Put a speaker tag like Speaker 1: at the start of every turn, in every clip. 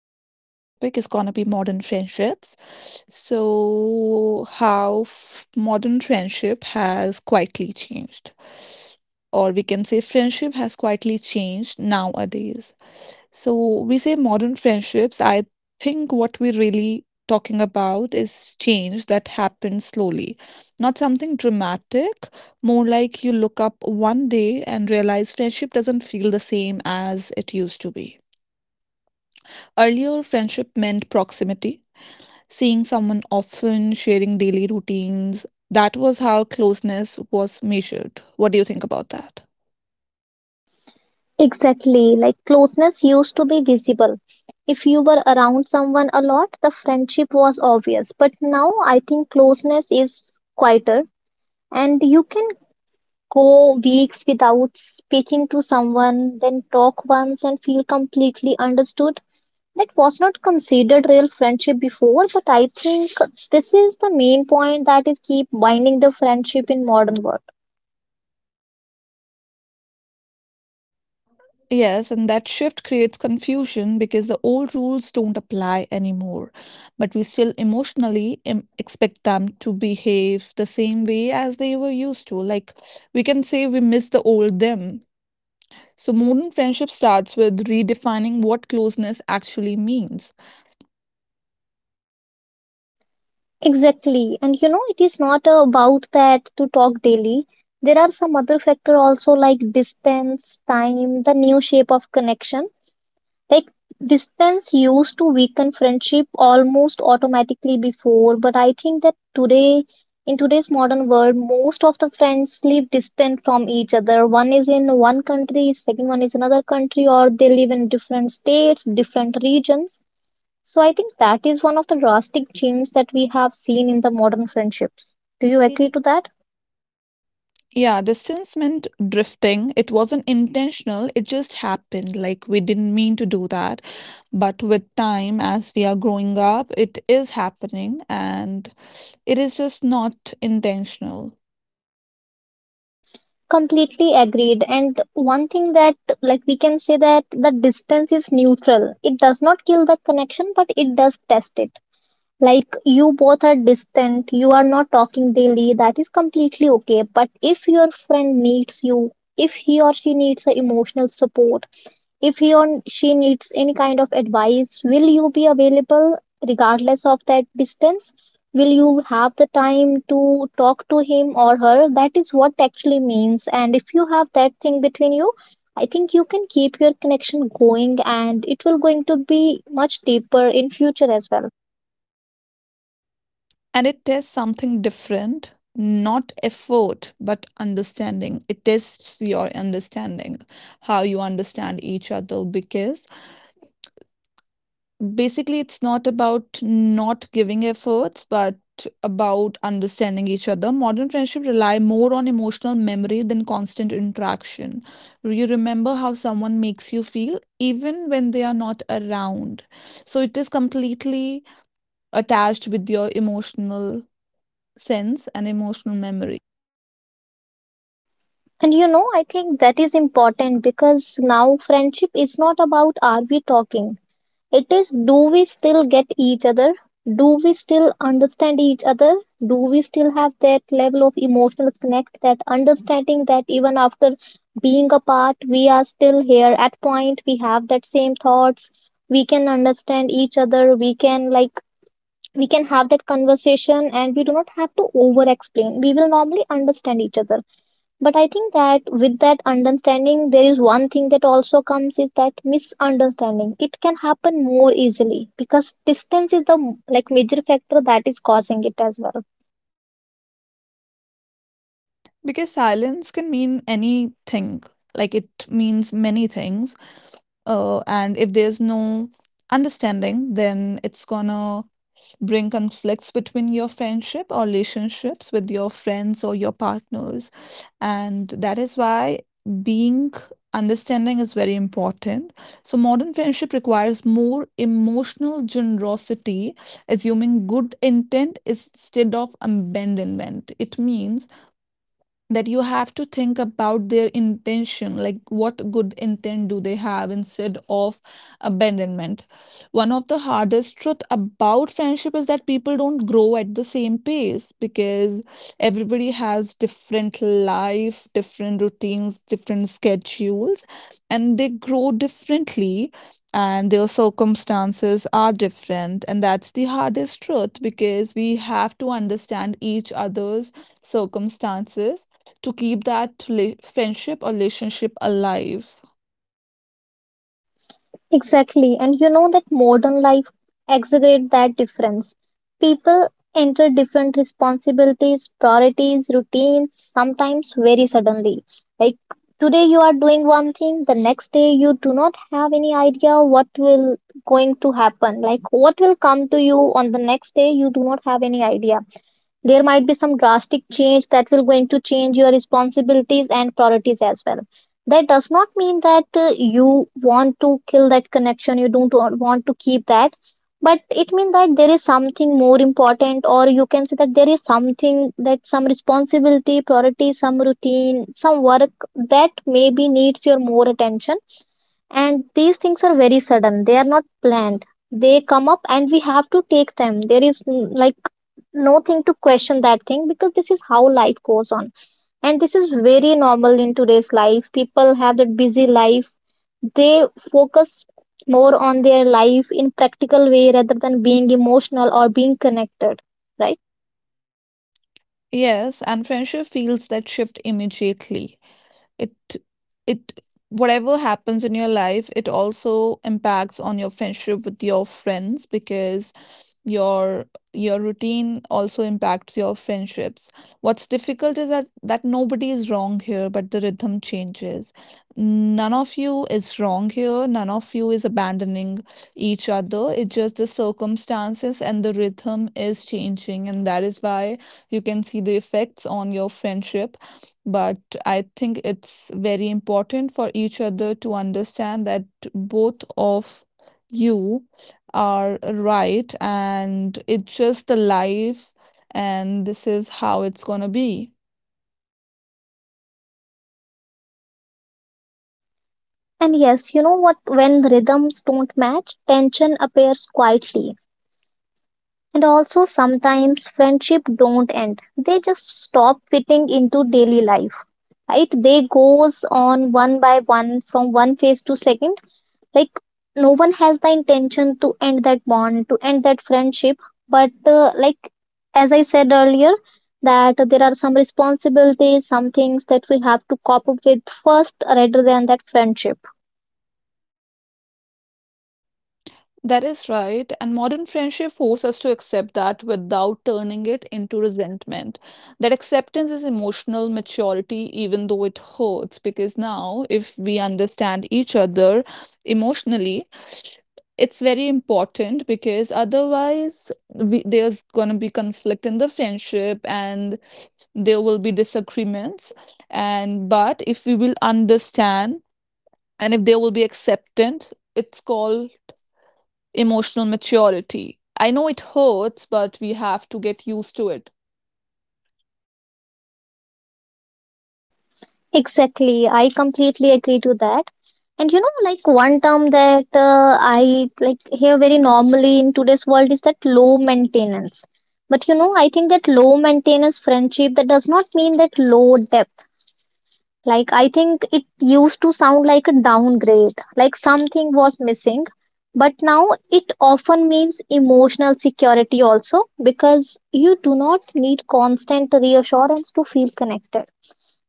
Speaker 1: today's topic is gonna be modern friendships. So, how f modern friendship has quietly changed, or we can say friendship has quietly changed nowadays. So, we say modern friendships, I think what we're really talking about is change that happens slowly, not something dramatic, more like you look up one day and realize friendship doesn't feel the same as it used to be. Earlier, friendship meant proximity, seeing someone often, sharing daily routines. That was how closeness was measured. What do you think about that?
Speaker 2: Exactly, like closeness used to be visible. If you were around someone a lot, the friendship was obvious. But now I think closeness is quieter, and you can go weeks without speaking to someone, then talk once and feel completely understood. That was not considered real friendship before, but I think this is the main point that is keep binding the friendship in modern world.
Speaker 1: Yes, and that shift creates confusion because the old rules don't apply anymore, but we still emotionally expect them to behave the same way as they were used to. Like we can say we miss the old them. So modern friendship starts with redefining what closeness actually means.
Speaker 2: Exactly. And you know, it is not about that to talk daily. There are some other factor also like distance, time, the new shape of connection. Like distance used to weaken friendship almost automatically before, but I think that today, in today's modern world, most of the friends live distant from each other. One is in one country, second one is another country, or they live in different states, different regions, so I think that is one of the drastic changes that we have seen in the modern friendships.
Speaker 1: Do
Speaker 2: Do
Speaker 1: You
Speaker 2: you
Speaker 1: agree
Speaker 2: agree
Speaker 1: to
Speaker 2: to that?
Speaker 1: Yeah, distance meant drifting. It wasn't intentional, it just happened. Like, we didn't mean to do that. But with time, as we are growing up, it is happening and it is just not intentional.
Speaker 2: Completely agreed. And one thing that, like, we can say that the distance is neutral. It does not kill the connection, but it does test it. Like, you both are distant, you are not talking daily, that is completely okay. But if your friend needs you, if he or she needs a emotional support, if he or she needs any kind of advice, will you be available regardless of that distance? Will you have the time to talk to him or her? That is what actually means. And if you have that thing between you, I think you can keep your connection going and it will going to be much deeper in future as well.
Speaker 1: And it tests something different, not effort, but understanding. It tests your understanding, how you understand each other, because basically, it's not about not giving efforts, but about understanding each other. Modern friendship rely more on emotional memory than constant interaction. You remember how someone makes you feel even when they are not around. So it is completely attached with your emotional sense and emotional memory.
Speaker 2: And you know, I think that is important because now friendship is not about are we talking. It is, do we still get each other? Do we still understand each other? Do we still have that level of emotional connect, that understanding that even after being apart, we are still here at point, we have that same thoughts, we can understand each other, we can like we can have that conversation and we do not have to over explain. We will normally understand each other. But I think that with that understanding, there is one thing that also comes is that misunderstanding. It can happen more easily because distance is the like major factor that is causing it as well.
Speaker 1: Because silence can mean anything. Like it means many things. And if there's no understanding, then it's gonna bring conflicts between your friendship or relationships with your friends or your partners. And that is why being understanding is very important. So, modern friendship requires more emotional generosity, assuming good intent instead of abandonment. It means that you have to think about their intention, like what good intent do they have instead of abandonment. One of the hardest truth about friendship is that people don't grow at the same pace because everybody has different life, different routines, different schedules, and they grow differently, and their circumstances are different, and that's the hardest truth because we have to understand each other's circumstances to keep that friendship or relationship alive.
Speaker 2: Exactly. And you know that modern life exaggerates that difference. People enter different responsibilities, priorities, routines, sometimes very suddenly. Like today you are doing one thing, the next day you do not have any idea what will going to happen. Like what will come to you on the next day, you do not have any idea there might be some drastic change that will going to change your responsibilities and priorities as well. That does not mean that you want to kill that connection, you don't want to keep that, but it means that there is something more important, or you can say that there is something, that some responsibility, priority, some routine, some work that maybe needs your more attention. And these things are very sudden. They are not planned. They come up and we have to take them. There is like no thing to question that thing because this is how life goes on. And this is very normal in today's life. People have that busy life. They focus more on their life in practical way rather than being emotional or being connected, right?
Speaker 1: Yes, and friendship feels that shift immediately. It it, whatever happens in your life, it also impacts on your friendship with your friends because your your routine also impacts your friendships. What's difficult is that nobody is wrong here, but the rhythm changes. None of you is wrong here, none of you is abandoning each other, it's just the circumstances and the rhythm is changing, and that is why you can see the effects on your friendship. But I think it's very important for each other to understand that both of you are right and it's just the life, and this is how it's gonna be.
Speaker 2: And yes, you know what? When rhythms don't match, tension appears quietly, and also sometimes friendship don't end, they just stop fitting into daily life, right? They goes on one by one from one phase to second, like no one has the intention to end that bond, to end that friendship, but like as I said earlier, that there are some responsibilities, some things that we have to cop up with first rather than that friendship.
Speaker 1: That is right, and modern friendship forces us to accept that without turning it into resentment. That acceptance is emotional maturity, even though it hurts, because now, if we understand each other emotionally, it's very important, because otherwise, we, there's going to be conflict in the friendship, and there will be disagreements. And but if we will understand, and if there will be acceptance, it's called emotional maturity. I know it hurts, but we have to get used to it.
Speaker 2: Exactly. I completely agree to that. And you know, like one term that I like hear very normally in today's world is that low maintenance. But you know, I think that low maintenance friendship that does not mean that low depth. Like I think it used to sound like a downgrade, like something was missing. But now it often means emotional security also because you do not need constant reassurance to feel connected,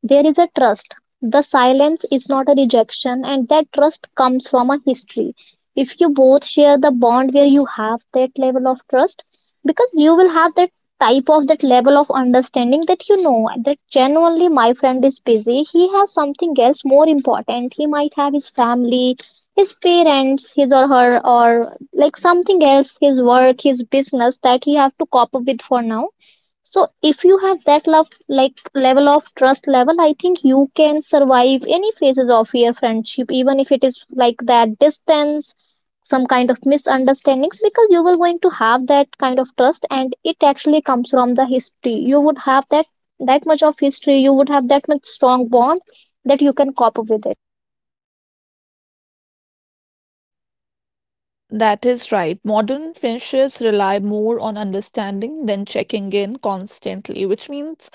Speaker 2: there is a trust. The silence is not a rejection, and that trust comes from a history. If you both share the bond where you have that level of trust, because you will have that type of that level of understanding that you know that genuinely my friend is busy, he has something else more important. He might have his family, his parents, his or her, or like something else, his work, his business that he have to cope up with for now. So if you have that love like level of trust level, I think you can survive any phases of your friendship, even if it is like that distance, some kind of misunderstandings, because you will going to have that kind of trust and it actually comes from the history. You would have that much of history, you would have that much strong bond that you can cope up with it.
Speaker 1: That is right. Modern friendships rely more on understanding than checking in constantly, which means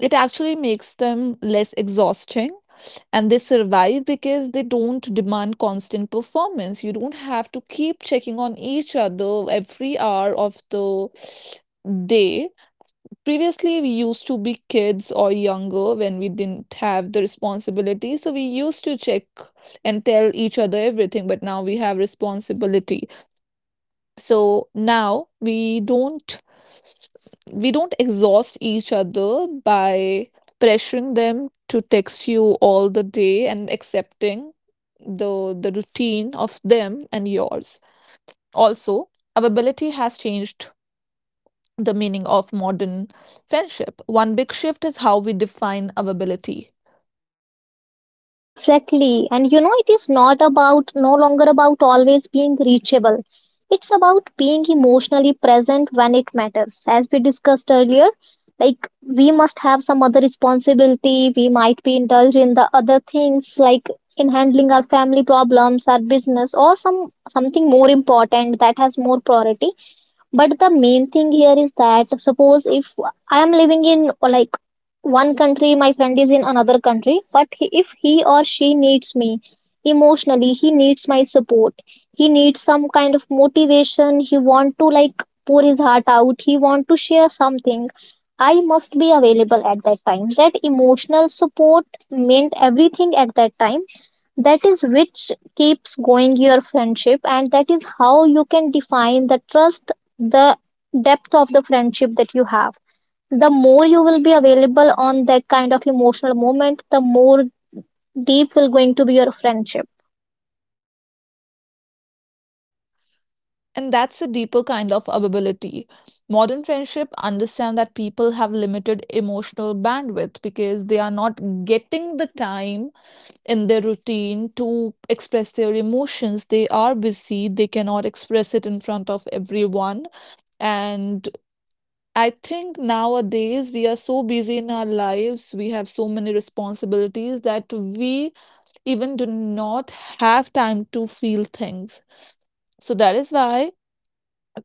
Speaker 1: it actually makes them less exhausting. And they survive because they don't demand constant performance. You don't have to keep checking on each other every hour of the day. Previously, we used to be kids or younger when we didn't have the responsibility. So we used to check and tell each other everything, but now we have responsibility. So now we don't exhaust each other by pressuring them to text you all the day, and accepting the routine of them and yours. Also, availability has changed the meaning of modern friendship. One big shift is how we define availability.
Speaker 2: Exactly. And you know, it is not about, no longer about always being reachable. It's about being emotionally present when it matters. As we discussed earlier, like we must have some other responsibility. We might be indulged in the other things, like in handling our family problems, our business, or some something more important that has more priority. But the main thing here is that suppose if I am living in like one country, my friend is in another country, but if he or she needs me emotionally, he needs my support. He needs some kind of motivation. He want to like pour his heart out. He want to share something. I must be available at that time. That emotional support meant everything at that time. That is which keeps going your friendship, and that is how you can define the trust, the depth of the friendship that you have. The more you will be available on that kind of emotional moment, the more deep will going to be your friendship.
Speaker 1: And that's a deeper kind of availability. Modern friendship understand that people have limited emotional bandwidth because they are not getting the time in their routine to express their emotions. They are busy, they cannot express it in front of everyone. And I think nowadays we are so busy in our lives, we have so many responsibilities that we even do not have time to feel things. So that is why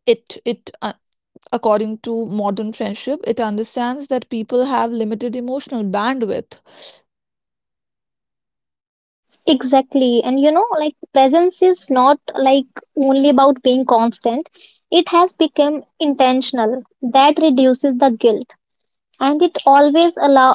Speaker 1: it it according to modern friendship, it understands that people have limited emotional bandwidth.
Speaker 2: Exactly. And you know, like presence is not like only about being constant, it has become intentional. That reduces the guilt, and it always allow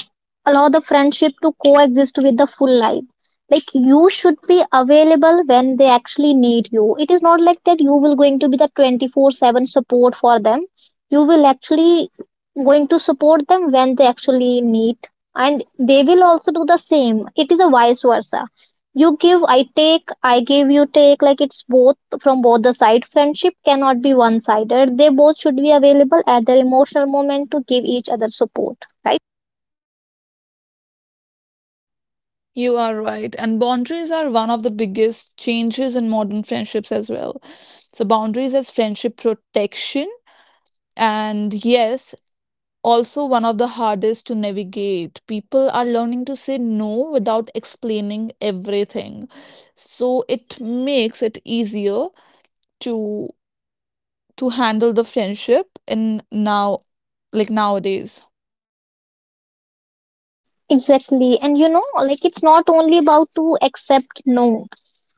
Speaker 2: allow the friendship to coexist with the full life. Like you should be available when they actually need you. It is not like that you will going to be the 24/7 support for them. You will actually going to support them when they actually need, and they will also do the same. It is a vice versa. You give, I take, I give, you take, like it's both from both the side. Friendship cannot be one sided. They both should be available at their emotional moment to give each other support, right?
Speaker 1: You are right. And boundaries are one of the biggest changes in modern friendships as well. So, boundaries as friendship protection. And yes, also one of the hardest to navigate. People are learning to say no without explaining everything. So, it makes it easier to handle the friendship in now, like nowadays.
Speaker 2: Exactly. And you know, like it's not only about to accept no.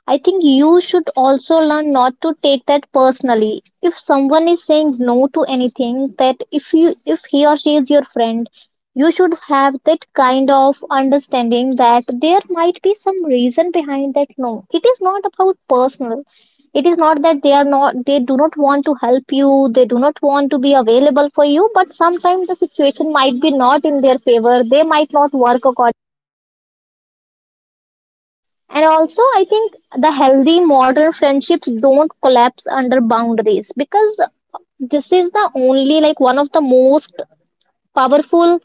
Speaker 2: I think you should also learn not to take that personally. If someone is saying no to anything, that if you if he or she is your friend, you should have that kind of understanding that there might be some reason behind that no. It is not about personal. It is not that they are not they do not want to help you, they do not want to be available for you, but sometimes the situation might be not in their favor. They might not work according. And also, I think the healthy modern friendships don't collapse under boundaries because this is the only, like, one of the most powerful,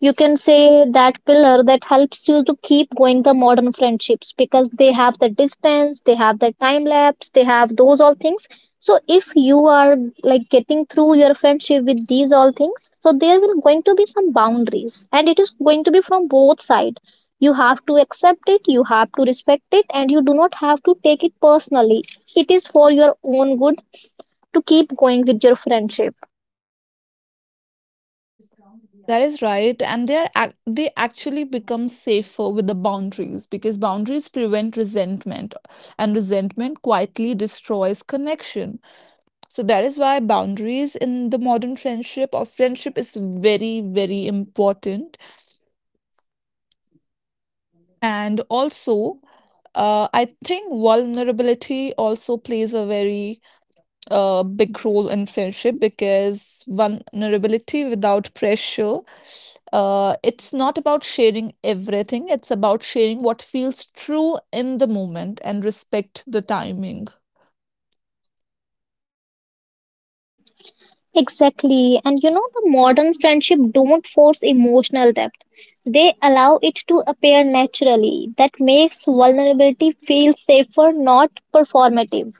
Speaker 2: you can say, that pillar that helps you to keep going the modern friendships, because they have the distance, they have the time lapse, they have those all things. So if you are like getting through your friendship with these all things, so there will going to be some boundaries and it is going to be from both side. You have to accept it, you have to respect it, and you do not have to take it personally. It is for your own good to keep going with your friendship.
Speaker 1: That is right, and they actually become safer with the boundaries, because boundaries prevent resentment, and resentment quietly destroys connection. So that is why boundaries in the modern friendship or friendship is very very important, and also. I think vulnerability also plays a big role in friendship because vulnerability without pressure, it's not about sharing everything, it's about sharing what feels true in the moment and respect the timing.
Speaker 2: Exactly. And you know, the modern friendship don't force emotional depth. They allow it to appear naturally. That makes vulnerability feel safer, not performative.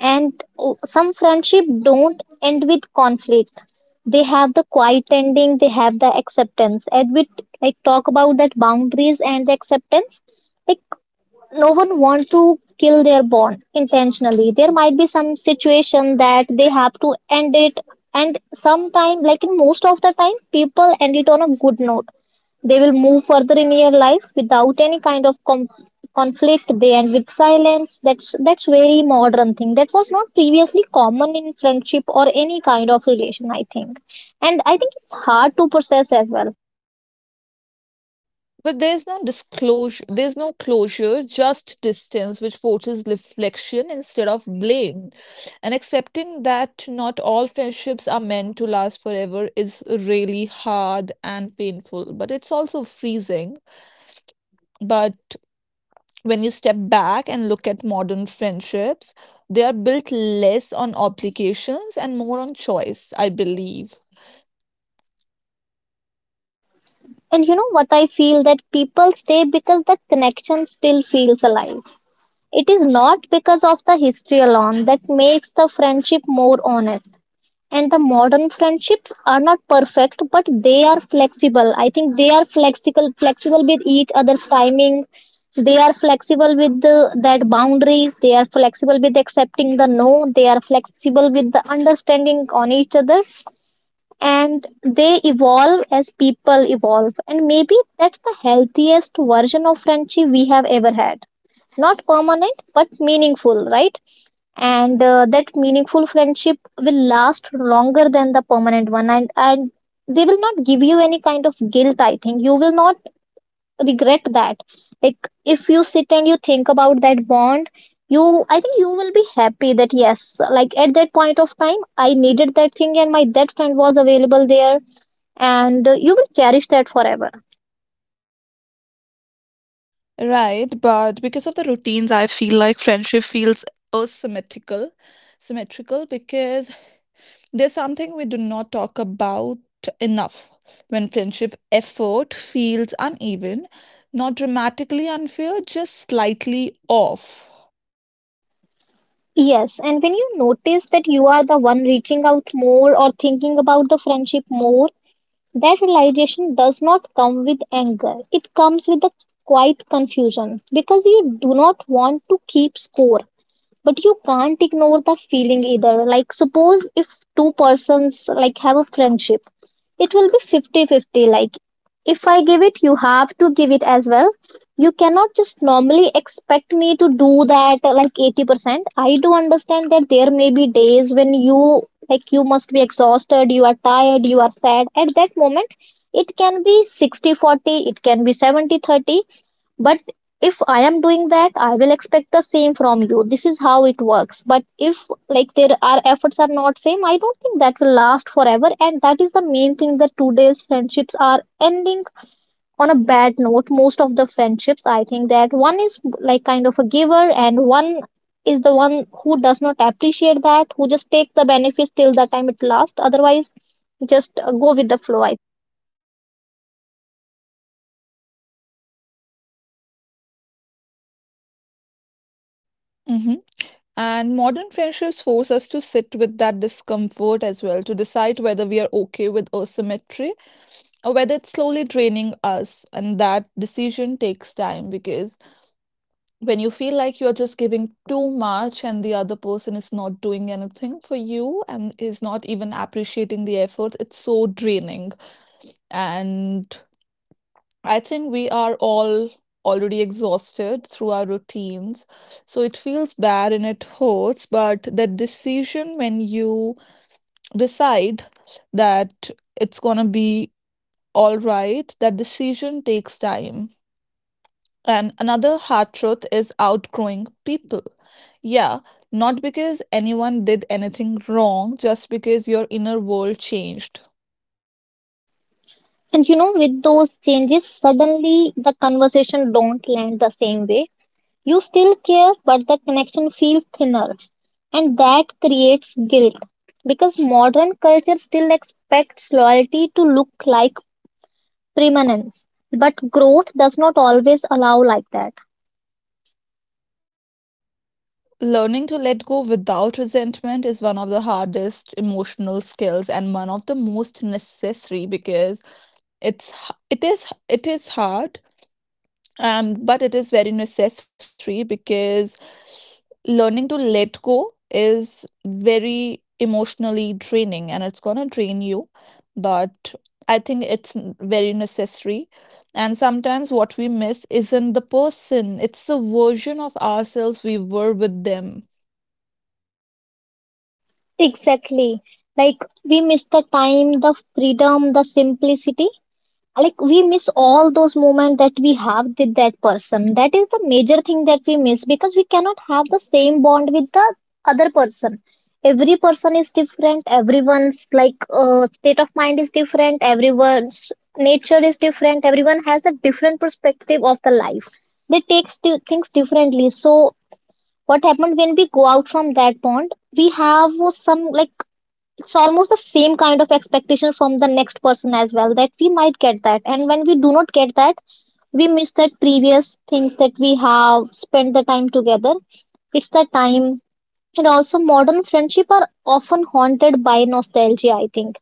Speaker 2: And oh, some friendship don't end with conflict. They have the quiet ending, they have the acceptance. And we like talk about that boundaries and the acceptance. Like no one wants to kill their bond intentionally. There might be some situation that they have to end it, and sometime, like, in most of the time people end it on a good note. They will move further in your life without any kind of conflict. They end with silence. That's very modern thing that was not previously common in friendship or any kind of relation, I think. And I think it's hard to process as well.
Speaker 1: But there's no disclosure, there's no closure, just distance, which forces reflection instead of blame. And accepting that not all friendships are meant to last forever is really hard and painful, but it's also freezing. But when you step back and look at modern friendships, they are built less on obligations and more on choice, I believe.
Speaker 2: And you know what, I feel that people stay because the connection still feels alive. It is not because of the history alone that makes the friendship more honest. And the modern friendships are not perfect, but they are flexible. I think they are flexible, flexible with each other's timing. They are flexible with the, that boundaries. They are flexible with accepting the no. They are flexible with the understanding on each other. And they evolve as people evolve. And maybe that's the healthiest version of friendship we have ever had. Not permanent but meaningful, right? And that meaningful friendship will last longer than the permanent one, and they will not give you any kind of guilt. I think you will not regret that. Like, if you sit and you think about that bond, you I think you will be happy that yes, like, at that point of time I needed that thing and my that friend was available there. And you will cherish that forever.
Speaker 1: Right, but because of the routines, I feel like friendship feels asymmetrical, symmetrical, because there's something we do not talk about enough. When friendship effort feels uneven, not dramatically unfair, just slightly off.
Speaker 2: Yes, and when you notice that you are the one reaching out more or thinking about the friendship more, that realization does not come with anger. It comes with a quiet confusion because you do not want to keep score, but you can't ignore the feeling either. Like, suppose if two persons like have a friendship, it will be fifty-fifty. Like, if I give it, you have to give it as well. You cannot just normally expect me to do that like 80%. I do understand that there may be days when you, like, you must be exhausted, you are tired, you are sad at that moment. It can be 60-40. It can be 70-30. But if I am doing that, I will expect the same from you. This is how it works. But if, like, there are efforts are not same, I don't think that will last forever. And that is the main thing that today's friendships are ending on a bad note. Most of the friendships, I think, that one is like kind of a giver and one is the one who does not appreciate that, who just take the benefits till the time it lasts. Otherwise, just go with the flow.
Speaker 1: Mm-hmm. And modern friendships force us to sit with that discomfort as well, to decide whether we are okay with asymmetry or whether it's slowly draining us. And that decision takes time, because when you feel like you're just giving too much and the other person is not doing anything for you and is not even appreciating the effort, it's so draining. And I think we are all already exhausted through our routines. So it feels bad and it hurts, but that decision, when you decide that it's going to be all right, that decision takes time. And another hard truth is outgrowing people. Yeah, not because anyone did anything wrong, just because your inner world changed.
Speaker 2: And you know, with those changes, suddenly the conversation don't land the same way. You still care, but the connection feels thinner. And that creates guilt because modern culture still expects loyalty to look like permanence. But growth does not always allow like that.
Speaker 1: Learning to let go without resentment is one of the hardest emotional skills and one of the most necessary, because it is hard, but it is very necessary, because learning to let go is very emotionally draining and it's gonna drain you, but I think very necessary. And sometimes what we miss isn't the person, it's the version of ourselves we were with them.
Speaker 2: Exactly. Like, we miss the time, the freedom, the simplicity. Like, we miss all those moments that we have with that person. That is the major thing that we miss, because we cannot have the same bond with the other person. Every person is different, everyone's like, state of mind is different, everyone's nature is different, everyone has a different perspective of the life. They take things differently. So what happened, when we go out from that bond, we have some, like, it's almost the same kind of expectation from the next person as well, that we might get that. And when we do not get that, we miss that previous things that we have spent the time together. It's the time. And also modern friendship are often haunted by nostalgia, I think.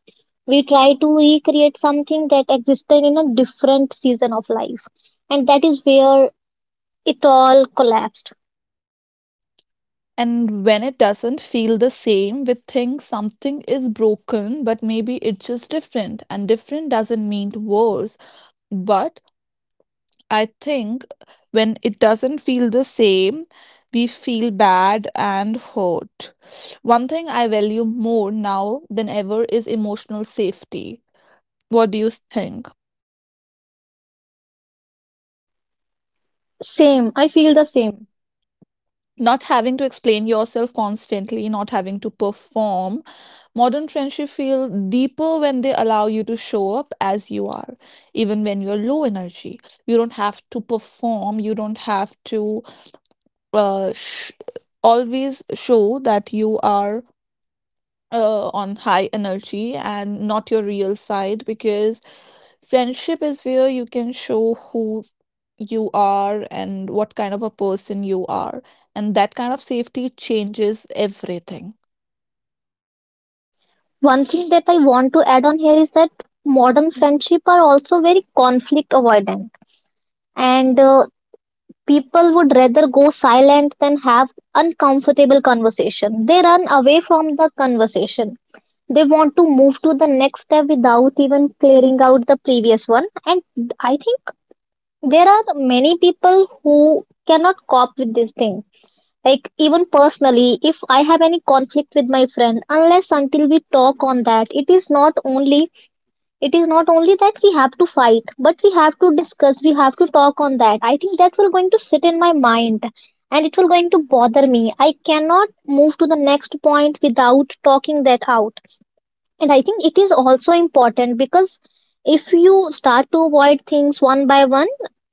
Speaker 2: We try to recreate something that existed in a different season of life, and that is where it all collapsed.
Speaker 1: And when it doesn't feel the same, we think something is broken, but maybe it's just different. And different doesn't mean worse. But I think when it doesn't feel the same, we feel bad and hurt. One thing I value more now than ever is emotional safety. What do you think?
Speaker 2: Same, I feel the same.
Speaker 1: Not having to explain yourself constantly, not having to perform. Modern friendship feel deeper when they allow you to show up as you are, even when you're low energy. You don't have to perform. You don't have to uh, sh- always show that you are on high energy and not your real side, because friendship is where you can show who you are and what kind of a person you are. And that kind of safety changes everything.
Speaker 2: One thing that I want to add on here is that modern friendship are also very conflict avoidant, and people would rather go silent than have uncomfortable conversation. They run away from the conversation. They want to move to the next step without even clearing out the previous one. And I think there are many people who cannot cope with this thing. Like, even personally, if I have any conflict with my friend, unless until we talk on that, it is not only it is not only that we have to fight, but we have to discuss, we have to talk on that. I think that will going to sit in my mind and it will going to bother me. I cannot move to the next point without talking that out. And I think it is also important, because if you start to avoid things one by one,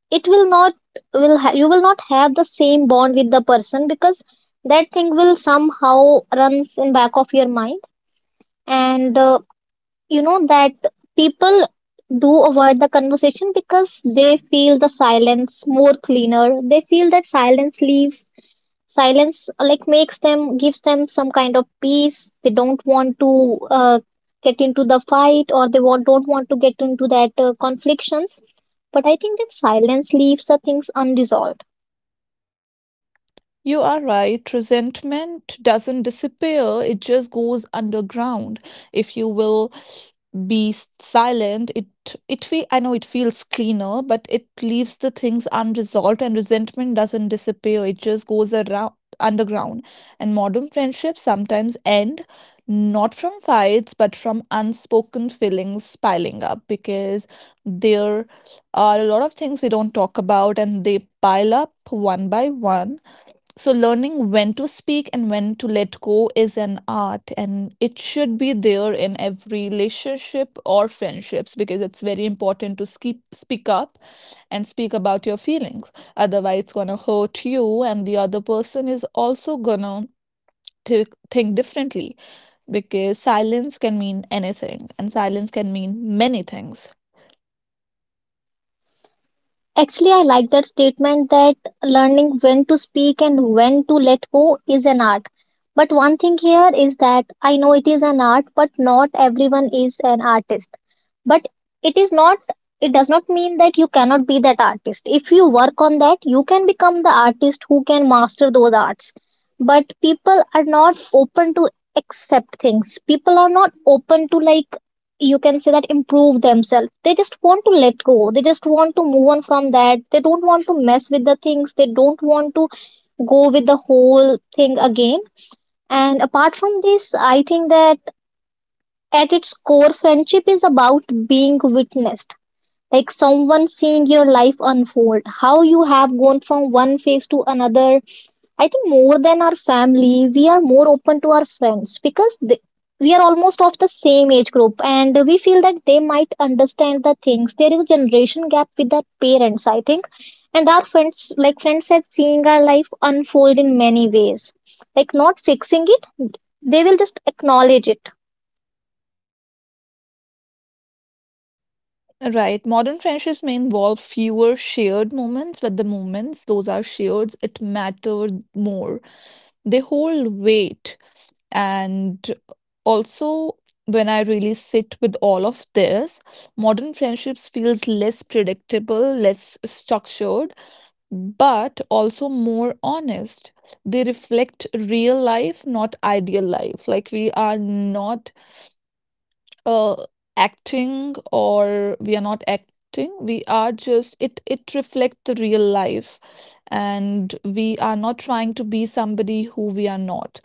Speaker 2: it will not, you will not have the same bond with the person, because that thing will somehow runs in back of your mind. And you know that people do avoid the conversation because they feel the silence more cleaner. They feel that silence leaves, silence, like, makes them, gives them some kind of peace. They don't want to uh, get into the fight, or they want, don't want to get into that conflictions. But I think that silence leaves the things unresolved.
Speaker 1: You are right. Resentment doesn't disappear, it just goes underground. If you will silent, it feel I know it feels cleaner, but it leaves the things unresolved, and resentment doesn't disappear. It just goes around underground. And modern friendships sometimes end, not from fights but from unspoken feelings piling up, because there are a lot of things we don't talk about and they pile up one by one. So, learning when to speak and when to let go is an art, and it should be there in every relationship or friendships, because it's very important to keep, speak up and speak about your feelings. Otherwise, it's gonna hurt you, and the other person is also gonna to think differently, because silence can mean anything, and silence can mean many things.
Speaker 2: Actually, I like that statement that learning when to speak and when to let go is an art. But one thing here is that I know it is an art, but not everyone is an artist. But it is not, it does not mean that you cannot be that artist. If you work on that, you can become the artist who can master those arts. But people are not open to accept things. People are not open to, like, you can say that improve themselves. They just want to let go, they just want to move on from that. They don't want to mess with the things, they don't want to go with the whole thing again. And apart from this, I think that at its core friendship is about being witnessed, like someone seeing your life unfold, how you have gone from one phase to another. I think more than our family, we are more open to our friends because they, we are almost of the same age group and we feel that they might understand the things. There is a generation gap with our parents, I think. And our friends, like friends, have seeing our life unfold in many ways. Like, not fixing it, they will just acknowledge it.
Speaker 1: Right. Modern friendships may involve fewer shared moments, but the moments, those are shared, it matters more, they hold weight. And also, when I really sit with all of this, modern friendships feels less predictable, less structured, but also more honest. They reflect real life, not ideal life. Like we are not uh, acting, or we are not acting, we are just it reflects the real life, and we are not trying to be somebody who we are not.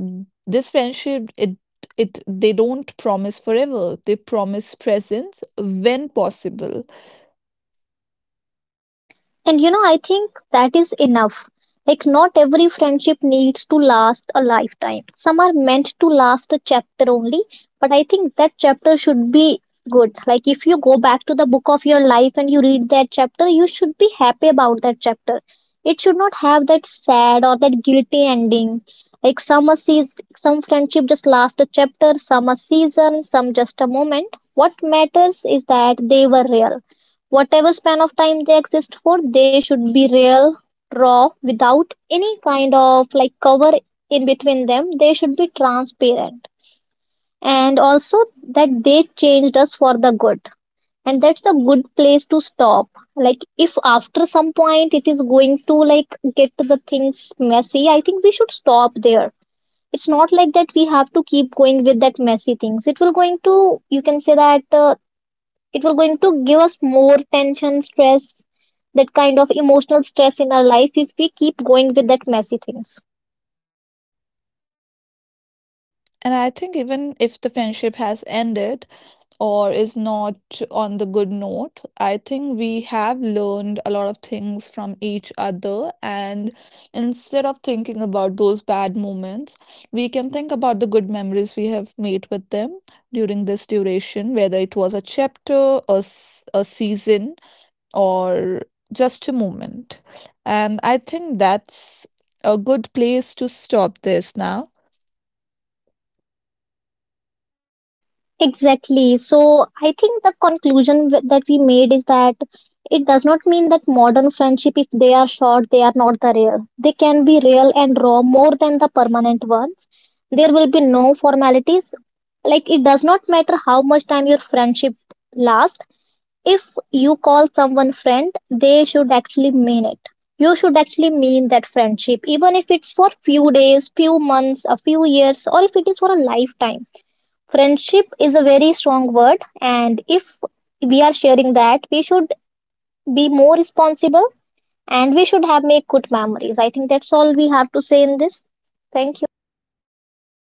Speaker 1: This friendship, it they don't promise forever, they promise presence when possible.
Speaker 2: And you know, I think that is enough. Like, not every friendship needs to last a lifetime. Some are meant to last a chapter only, but I think that chapter should be good. Like, if you go back to the book of your life and you read that chapter, you should be happy about that chapter. It should not have that sad or that guilty ending. Like, some a season, some friendship just last a chapter, some a season, some just a moment. What matters is that they were real. Whatever span of time they exist for, they should be real, raw, without any kind of like cover in between them. They should be transparent. And also that they changed us for the good. And that's a good place to stop. Like, if after some point it is going to like get the things messy, I think we should stop there. It's not like that we have to keep going with that messy things. It will going to, you can say that, it will going to give us more tension, stress, that kind of emotional stress in our life if we keep going with that messy things.
Speaker 1: And I think even if the friendship has ended or is not on the good note, I think we have learned a lot of things from each other. And instead of thinking about those bad moments, we can think about the good memories we have made with them during this duration, whether it was a chapter, a season, or just a moment. And I think that's a good place to stop this now.
Speaker 2: Exactly. So I think the conclusion that we made is that it does not mean that modern friendship, if they are short, they are not the real. They can be real and raw more than the permanent ones. There will be no formalities. Like, it does not matter how much time your friendship lasts. If you call someone friend, they should actually mean it. You should actually mean that friendship, even if it's for few days, few months, a few years, or if it is for a lifetime. Friendship is a very strong word, and if we are sharing that, we should be more responsible, and we should have make good memories. I think that's all we have to say in this. Thank you.